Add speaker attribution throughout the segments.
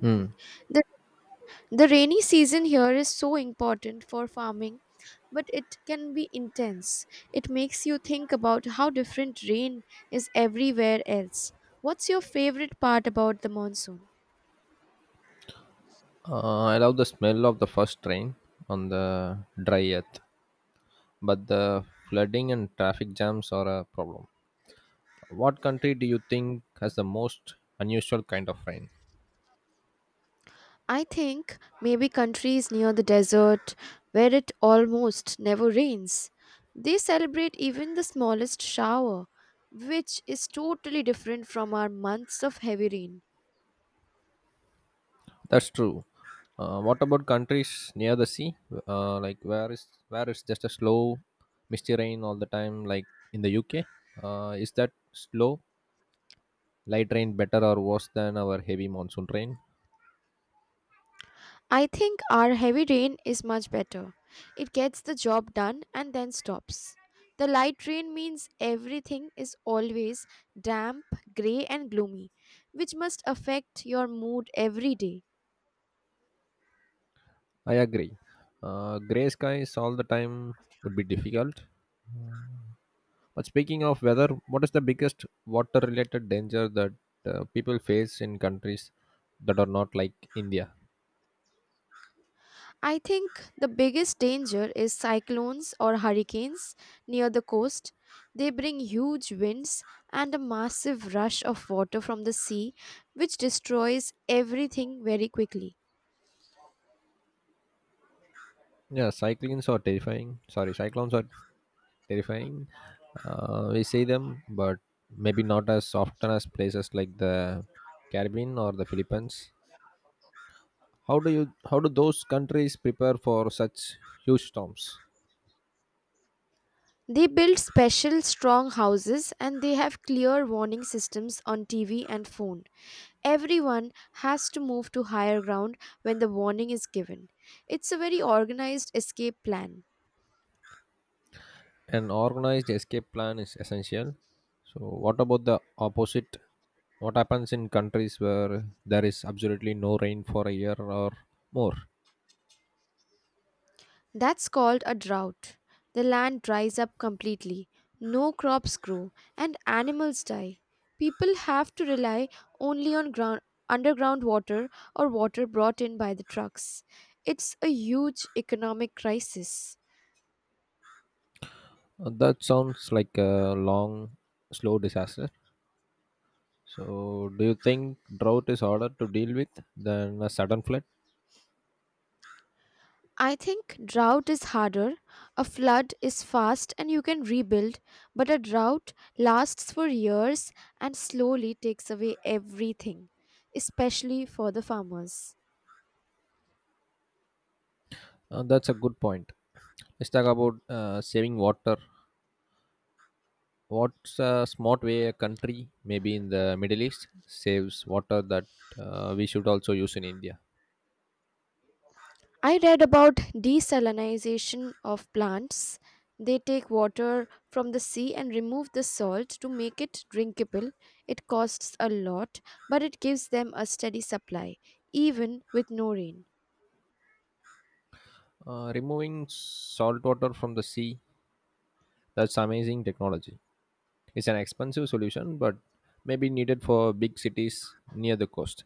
Speaker 1: Hmm.
Speaker 2: The, the rainy season here is so important for farming, but it can be intense. It makes you think about how different rain is everywhere else. What's your favorite part about the monsoon?
Speaker 1: I love the smell of the first rain on the dry earth, but the flooding and traffic jams are a problem. What country do you think has the most unusual kind of rain?
Speaker 2: I think maybe countries near the desert where it almost never rains. They celebrate even the smallest shower, which is totally different from our months of heavy rain.
Speaker 1: That's true. What about countries near the sea? Uh, like where is where is just a slow, misty rain all the time? Like in the UK, is that slow light rain better or worse than our heavy monsoon rain?
Speaker 2: I think our heavy rain is much better. It gets the job done and then stops. The light rain means everything is always damp, grey, and gloomy, which must affect your mood every day.
Speaker 1: I agree. Gray skies all the time would be difficult. But speaking of weather, what is the biggest water related danger that people face in countries that are not like India?
Speaker 2: I think the biggest danger is cyclones or hurricanes near the coast. They bring huge winds and a massive rush of water from the sea, which destroys everything very quickly.
Speaker 1: Cyclones are terrifying. We see them, but maybe not as often as places like the Caribbean or the Philippines. How do those countries prepare for such huge storms?
Speaker 2: They build special strong houses and they have clear warning systems on TV and phone. Everyone has to move to higher ground when the warning is given. It's a very organized escape plan.
Speaker 1: An organized escape plan is essential. So, what about the opposite? What happens in countries where there is absolutely no rain for a year or more?
Speaker 2: That's called a drought. The land dries up completely, no crops grow, and animals die. People have to rely only on ground, underground water or water brought in by the trucks. It's a huge economic crisis.
Speaker 1: That sounds like a long, slow disaster. So, do you think drought is harder to deal with than a sudden flood?
Speaker 2: I think drought is harder. A flood is fast and you can rebuild, but a drought lasts for years and slowly takes away everything, especially for the farmers.
Speaker 1: That's a good point. Let's talk about saving water. What's a smart way a country, maybe in the Middle East, saves water that we should also use in India?
Speaker 2: I read about desalinization of plants. They take water from the sea and remove the salt to make it drinkable. It costs a lot, but it gives them a steady supply, even with no rain.
Speaker 1: Removing salt water from the sea, that's amazing technology. It's an expensive solution, but may be needed for big cities near the coast.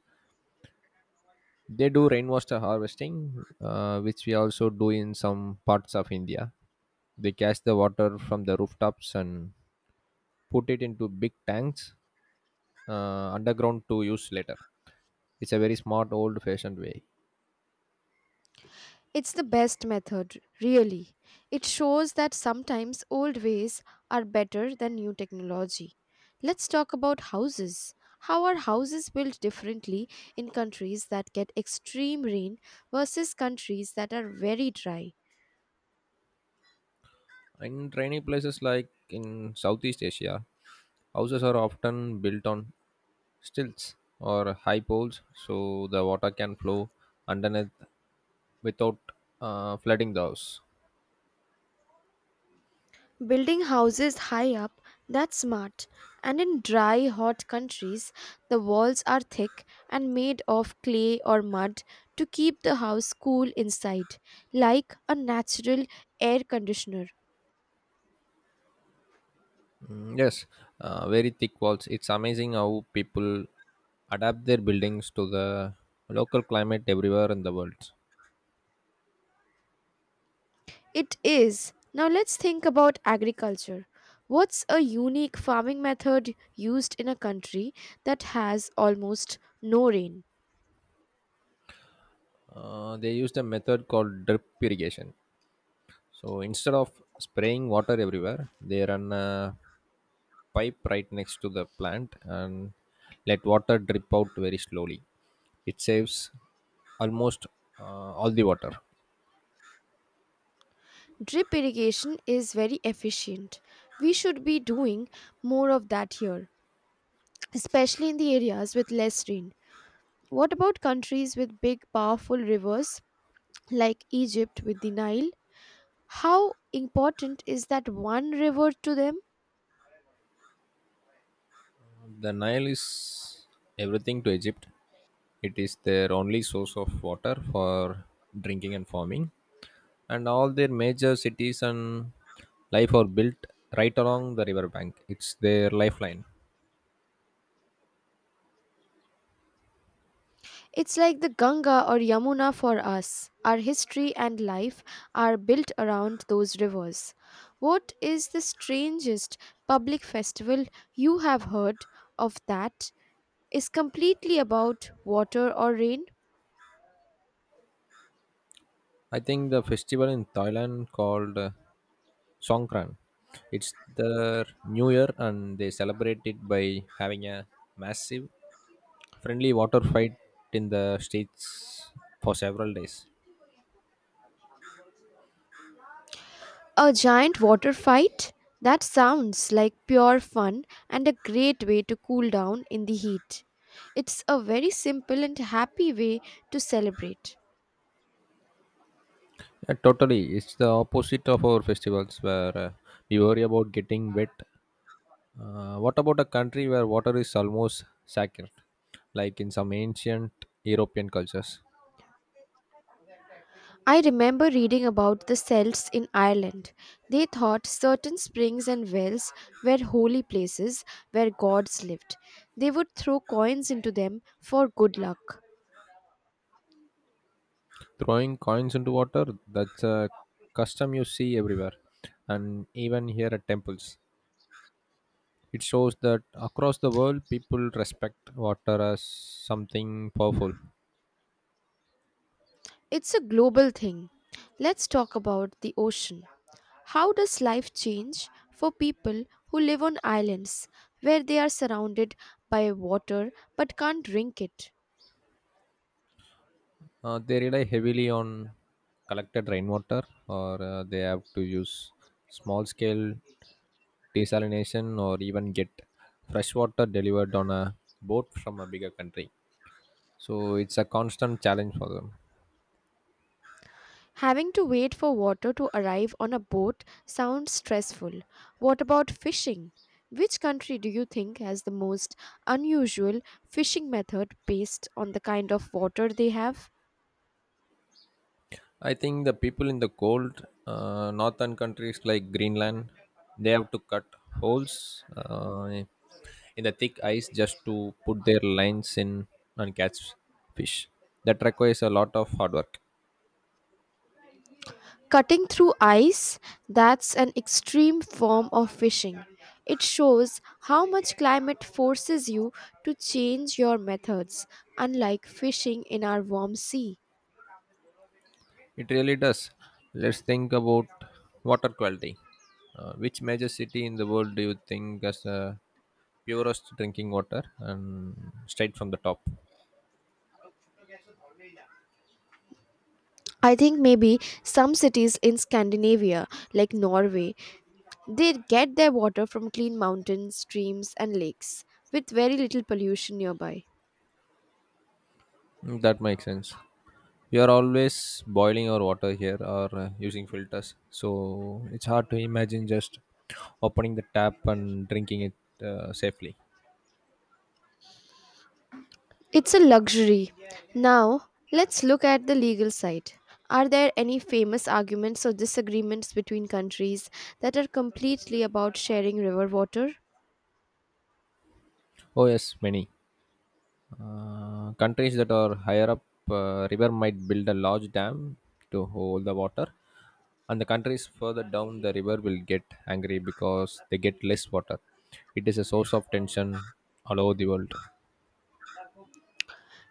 Speaker 1: They do rainwater harvesting, which we also do in some parts of India. They catch the water from the rooftops and put it into big tanks underground to use later. It's a very smart, old fashioned way.
Speaker 2: It's the best method, really. It shows that sometimes old ways are better than new technology. Let's talk about houses. How are houses built differently in countries that get extreme rain versus countries that are very dry?
Speaker 1: In rainy places like in Southeast Asia, houses are often built on stilts or high poles so the water can flow underneath without flooding the house.
Speaker 2: Building houses high up, that's smart. And in dry, hot countries, the walls are thick and made of clay or mud to keep the house cool inside, like a natural air conditioner.
Speaker 1: Mm, yes, very thick walls. It's amazing how people adapt their buildings to the local climate everywhere in the world.
Speaker 2: It is. Now let's think about agriculture. What's a unique farming method used in a country that has almost no rain?
Speaker 1: They use a method called drip irrigation. So instead of spraying water everywhere, they run a pipe right next to the plant and let water drip out very slowly. It saves almost uh, all the water.
Speaker 2: Drip irrigation is very efficient. We should be doing more of that here, especially in the areas with less rain. What about countries with big, powerful rivers like Egypt with the Nile? How important is that one river to them?
Speaker 1: The Nile is everything to Egypt. It is their only source of water for drinking and farming. And all their major cities and life are built right along the riverbank. It's their lifeline.
Speaker 2: It's like the Ganga or Yamuna for us. Our history and life are built around those rivers. What is the strangest public festival you have heard of that is completely about water or rain?
Speaker 1: I think the festival in Thailand called Songkran. It's their new year and they celebrate it by having a massive friendly water fight in the streets for several days.
Speaker 2: A giant water fight? That sounds like pure fun and a great way to cool down in the heat. It's a very simple and happy way to celebrate.
Speaker 1: Yeah, totally. It's the opposite of our festivals where we worry about getting wet. What about a country where water is almost sacred, like in some ancient European cultures?
Speaker 2: I remember reading about the Celts in Ireland. They thought certain springs and wells were holy places where gods lived. They would throw coins into them for good luck.
Speaker 1: Throwing coins into water, that's a custom you see everywhere and even here at temples. It shows that across the world people respect water as something powerful.
Speaker 2: It's a global thing. Let's talk about the ocean. How does life change for people who live on islands where they are surrounded by water but can't drink it?
Speaker 1: They rely heavily on collected rainwater or they have to use small scale desalination or even get fresh water delivered on a boat from a bigger country, so it's a constant challenge for them.
Speaker 2: Having to wait for water to arrive on a boat sounds stressful. What about fishing? Which country do you think has the most unusual fishing method based on the kind of water they have?
Speaker 1: I think the people in the cold northern countries like Greenland, they have to cut holes in the thick ice just to put their lines in and catch fish. That requires a lot of hard work.
Speaker 2: Cutting through ice, that's an extreme form of fishing. It shows how much climate forces you to change your methods, unlike fishing in our warm sea.
Speaker 1: It really does. Let's think about water quality. Which major city in the world do you think has the purest drinking water and straight from the top?
Speaker 2: I think maybe some cities in Scandinavia, like Norway, they get their water from clean mountains, streams, and lakes with very little pollution nearby.
Speaker 1: Mm, that makes sense. We are always boiling our water here or using filters, so it's hard to imagine just opening the tap and drinking it safely.
Speaker 2: It's a luxury. Now, let's look at the legal side. Are there any famous arguments or disagreements between countries that are completely about sharing river water?
Speaker 1: Oh, yes, many. Countries that are higher up river might build a large dam to hold the water, and the countries further down the river will get angry because they get less water. It is a source of tension all over the world.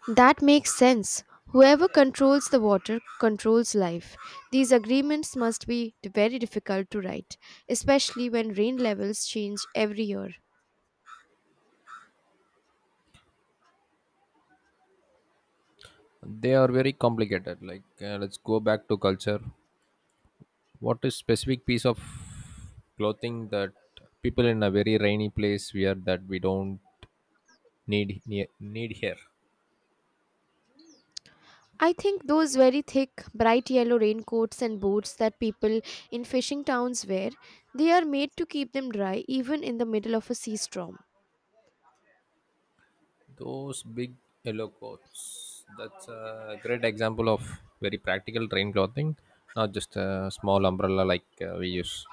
Speaker 2: That makes sense. Whoever controls the water controls life. These agreements must be very difficult to write, especially when rain levels change every year.
Speaker 1: They are very complicated. Like, let's go back to culture. What is specific piece of clothing that people in a very rainy place wear that we don't need here?
Speaker 2: I think those very thick, bright yellow raincoats and boots that people in fishing towns wear, they are made to keep them dry even in the middle of a sea storm.
Speaker 1: Those big yellow coats. That's a great example of very practical rain clothing, not just a small umbrella like we use.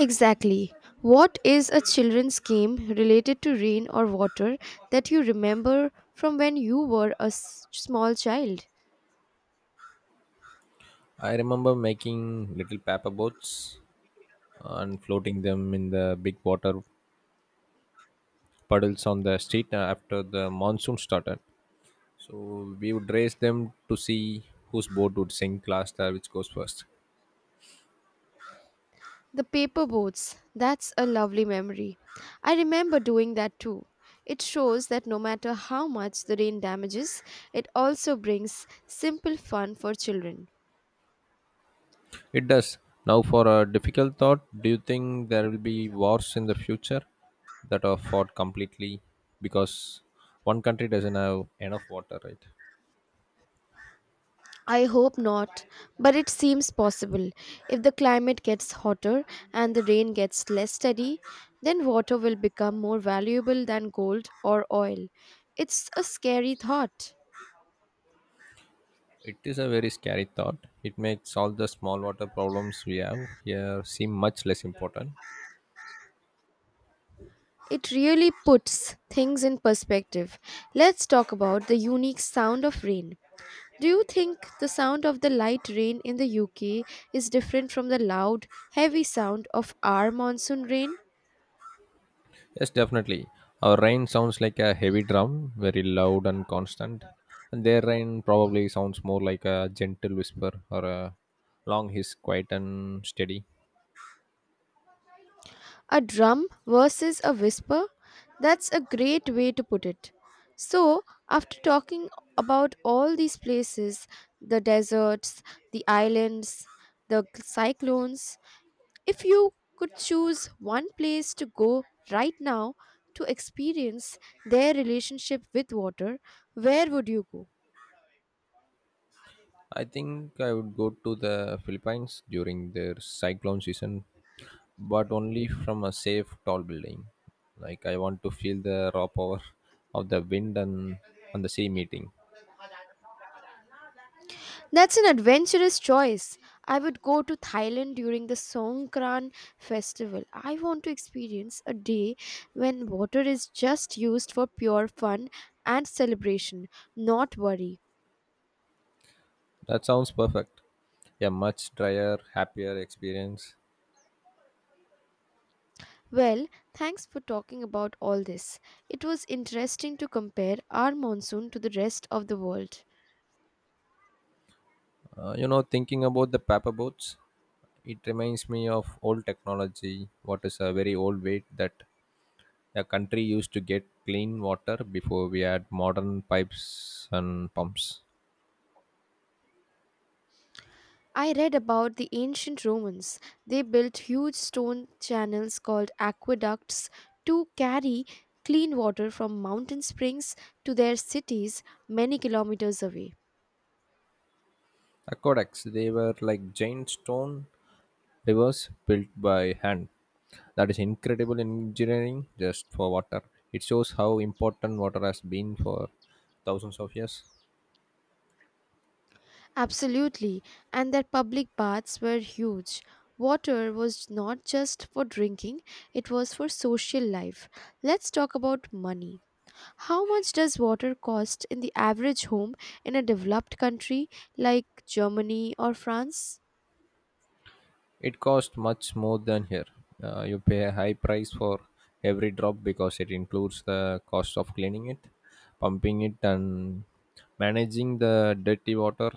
Speaker 2: Exactly. What is a children's game related to rain or water that you remember from when you were a small child?
Speaker 1: I remember making little paper boats and floating them in the big water puddles on the street after the monsoon started. So we would race them to see whose boat would sink last or which goes first.
Speaker 2: The paper boats. That's a lovely memory. I remember doing that too. It shows that no matter how much the rain damages, it also brings simple fun for children.
Speaker 1: It does. Now, for a difficult thought, do you think there will be wars in the future that are fought completely because one country doesn't have enough water, right?
Speaker 2: I hope not, but it seems possible. If the climate gets hotter and the rain gets less steady, then water will become more valuable than gold or oil. It's a scary thought.
Speaker 1: It is a very scary thought. It makes all the small water problems we have here seem much less important.
Speaker 2: It really puts things in perspective. Let's talk about the unique sound of rain. Do you think the sound of the light rain in the UK is different from the loud, heavy sound of our monsoon rain?
Speaker 1: Yes, definitely. Our rain sounds like a heavy drum, very loud and constant. And their rain probably sounds more like a gentle whisper or a long hiss, quiet and steady.
Speaker 2: A drum versus a whisper? That's a great way to put it. So, after talking about all these places, the deserts, the islands, the cyclones, if you could choose one place to go right now to experience their relationship with water, where would you go?
Speaker 1: I think I would go to the Philippines during their cyclone season, but only from a safe, tall building. Like, I want to feel the raw power of the wind and the sea meeting.
Speaker 2: That's an adventurous choice. I would go to Thailand during the Songkran festival. I want to experience a day when water is just used for pure fun and celebration, not worry.
Speaker 1: That sounds perfect. A much drier, happier experience.
Speaker 2: Well, thanks for talking about all this. It was interesting to compare our monsoon to the rest of the world.
Speaker 1: Thinking about the paper boats, it reminds me of old technology. What is a very old way that a country used to get clean water before we had modern pipes and pumps.
Speaker 2: I read about the ancient Romans. They built huge stone channels called aqueducts to carry clean water from mountain springs to their cities many kilometers away.
Speaker 1: Aqueducts, they were like giant stone rivers built by hand. That is incredible engineering just for water. It shows how important water has been for thousands of years.
Speaker 2: Absolutely, and their public baths were huge. Water was not just for drinking, it was for social life. Let's talk about money. How much does water cost in the average home in a developed country like Germany or France?
Speaker 1: It costs much more than here. You pay a high price for every drop because it includes the cost of cleaning it, pumping it, and managing the dirty water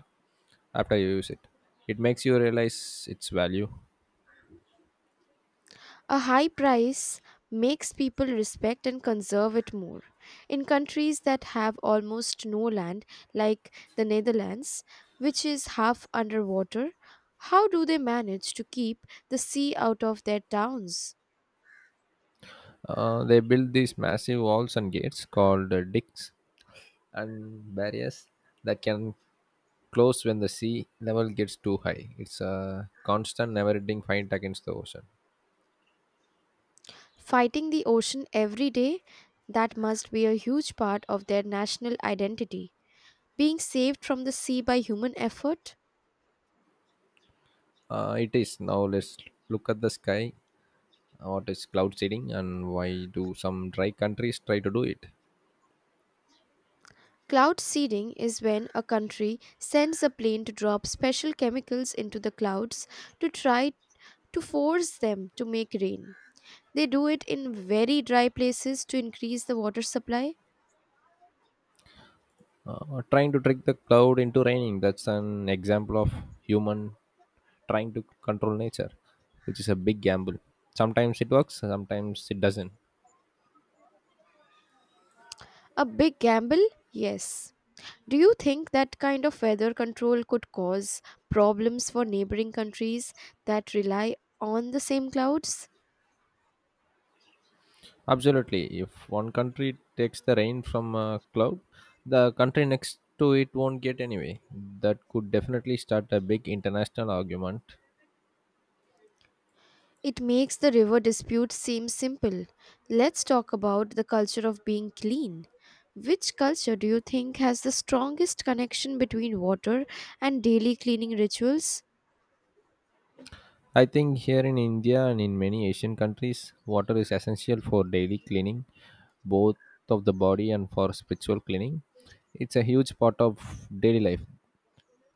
Speaker 1: after you use it. It makes you realize its value.
Speaker 2: A high price makes people respect and conserve it more. In countries that have almost no land, like the Netherlands, which is half underwater, how do they manage to keep the sea out of their towns?
Speaker 1: They build these massive walls and gates called dicks and barriers that can close when the sea level gets too high. It's a constant, never ending fight against the ocean.
Speaker 2: Fighting the ocean every day, that must be a huge part of their national identity. Being saved from the sea by human effort?
Speaker 1: It is. Now let's look at the sky. What is cloud seeding and why do some dry countries try to do it?
Speaker 2: Cloud seeding is when a country sends a plane to drop special chemicals into the clouds to try to force them to make rain. They do it in very dry places to increase the water supply.
Speaker 1: Trying to trick the cloud into raining, that's an example of human trying to control nature, which is a big gamble. Sometimes it works, sometimes it doesn't.
Speaker 2: A big gamble? Yes. Do you think that kind of weather control could cause problems for neighboring countries that rely on the same clouds?
Speaker 1: Absolutely. If one country takes the rain from a cloud, the country next to it won't get anyway. That could definitely start a big international argument.
Speaker 2: It makes the river dispute seem simple. Let's talk about the culture of being clean. Which culture do you think has the strongest connection between water and daily cleaning rituals?
Speaker 1: I think here in India and in many Asian countries, water is essential for daily cleaning, both of the body and for spiritual cleaning. It's a huge part of daily life.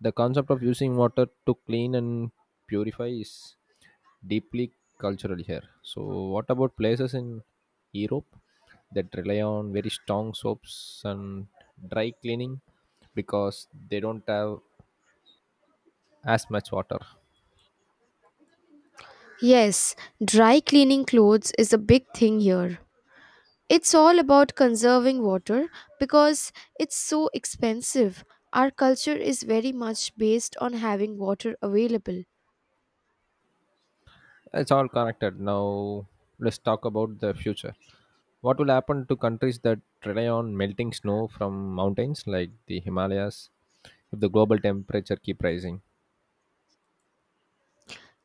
Speaker 1: The concept of using water to clean and purify is deeply cultural here. So, what about places in Europe that rely on very strong soaps and dry cleaning because they don't have as much water?
Speaker 2: Yes, dry cleaning clothes is a big thing here. It's all about conserving water because it's so expensive. Our culture is very much based on having water available.
Speaker 1: It's all connected. Now, let's talk about the future. What will happen to countries that rely on melting snow from mountains like the Himalayas if the global temperature keep rising?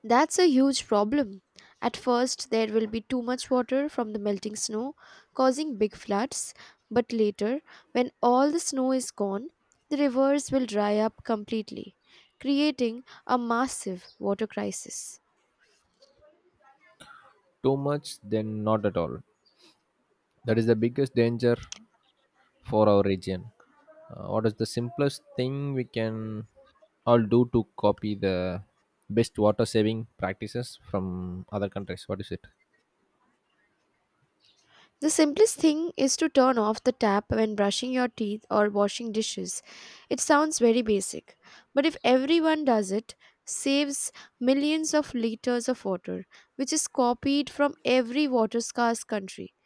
Speaker 2: That's a huge problem. At first, there will be too much water from the melting snow, causing big floods. But later, when all the snow is gone, the rivers will dry up completely, creating a massive water crisis.
Speaker 1: Too much, then not at all. That is the biggest danger for our region. What is the simplest thing we can all do to copy the best water saving practices from other countries? What is it?
Speaker 2: The simplest thing is to turn off the tap when brushing your teeth or washing dishes. It sounds very basic, but if everyone does it, saves millions of liters of water, which is copied from every water scarce country.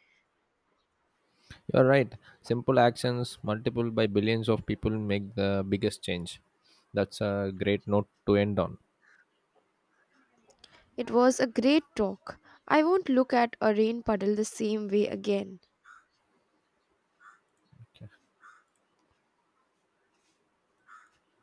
Speaker 1: You're right. Simple actions multiplied by billions of people make the biggest change. That's a great note to end on.
Speaker 2: It was a great talk. I won't look at a rain puddle the same way again.
Speaker 1: Okay.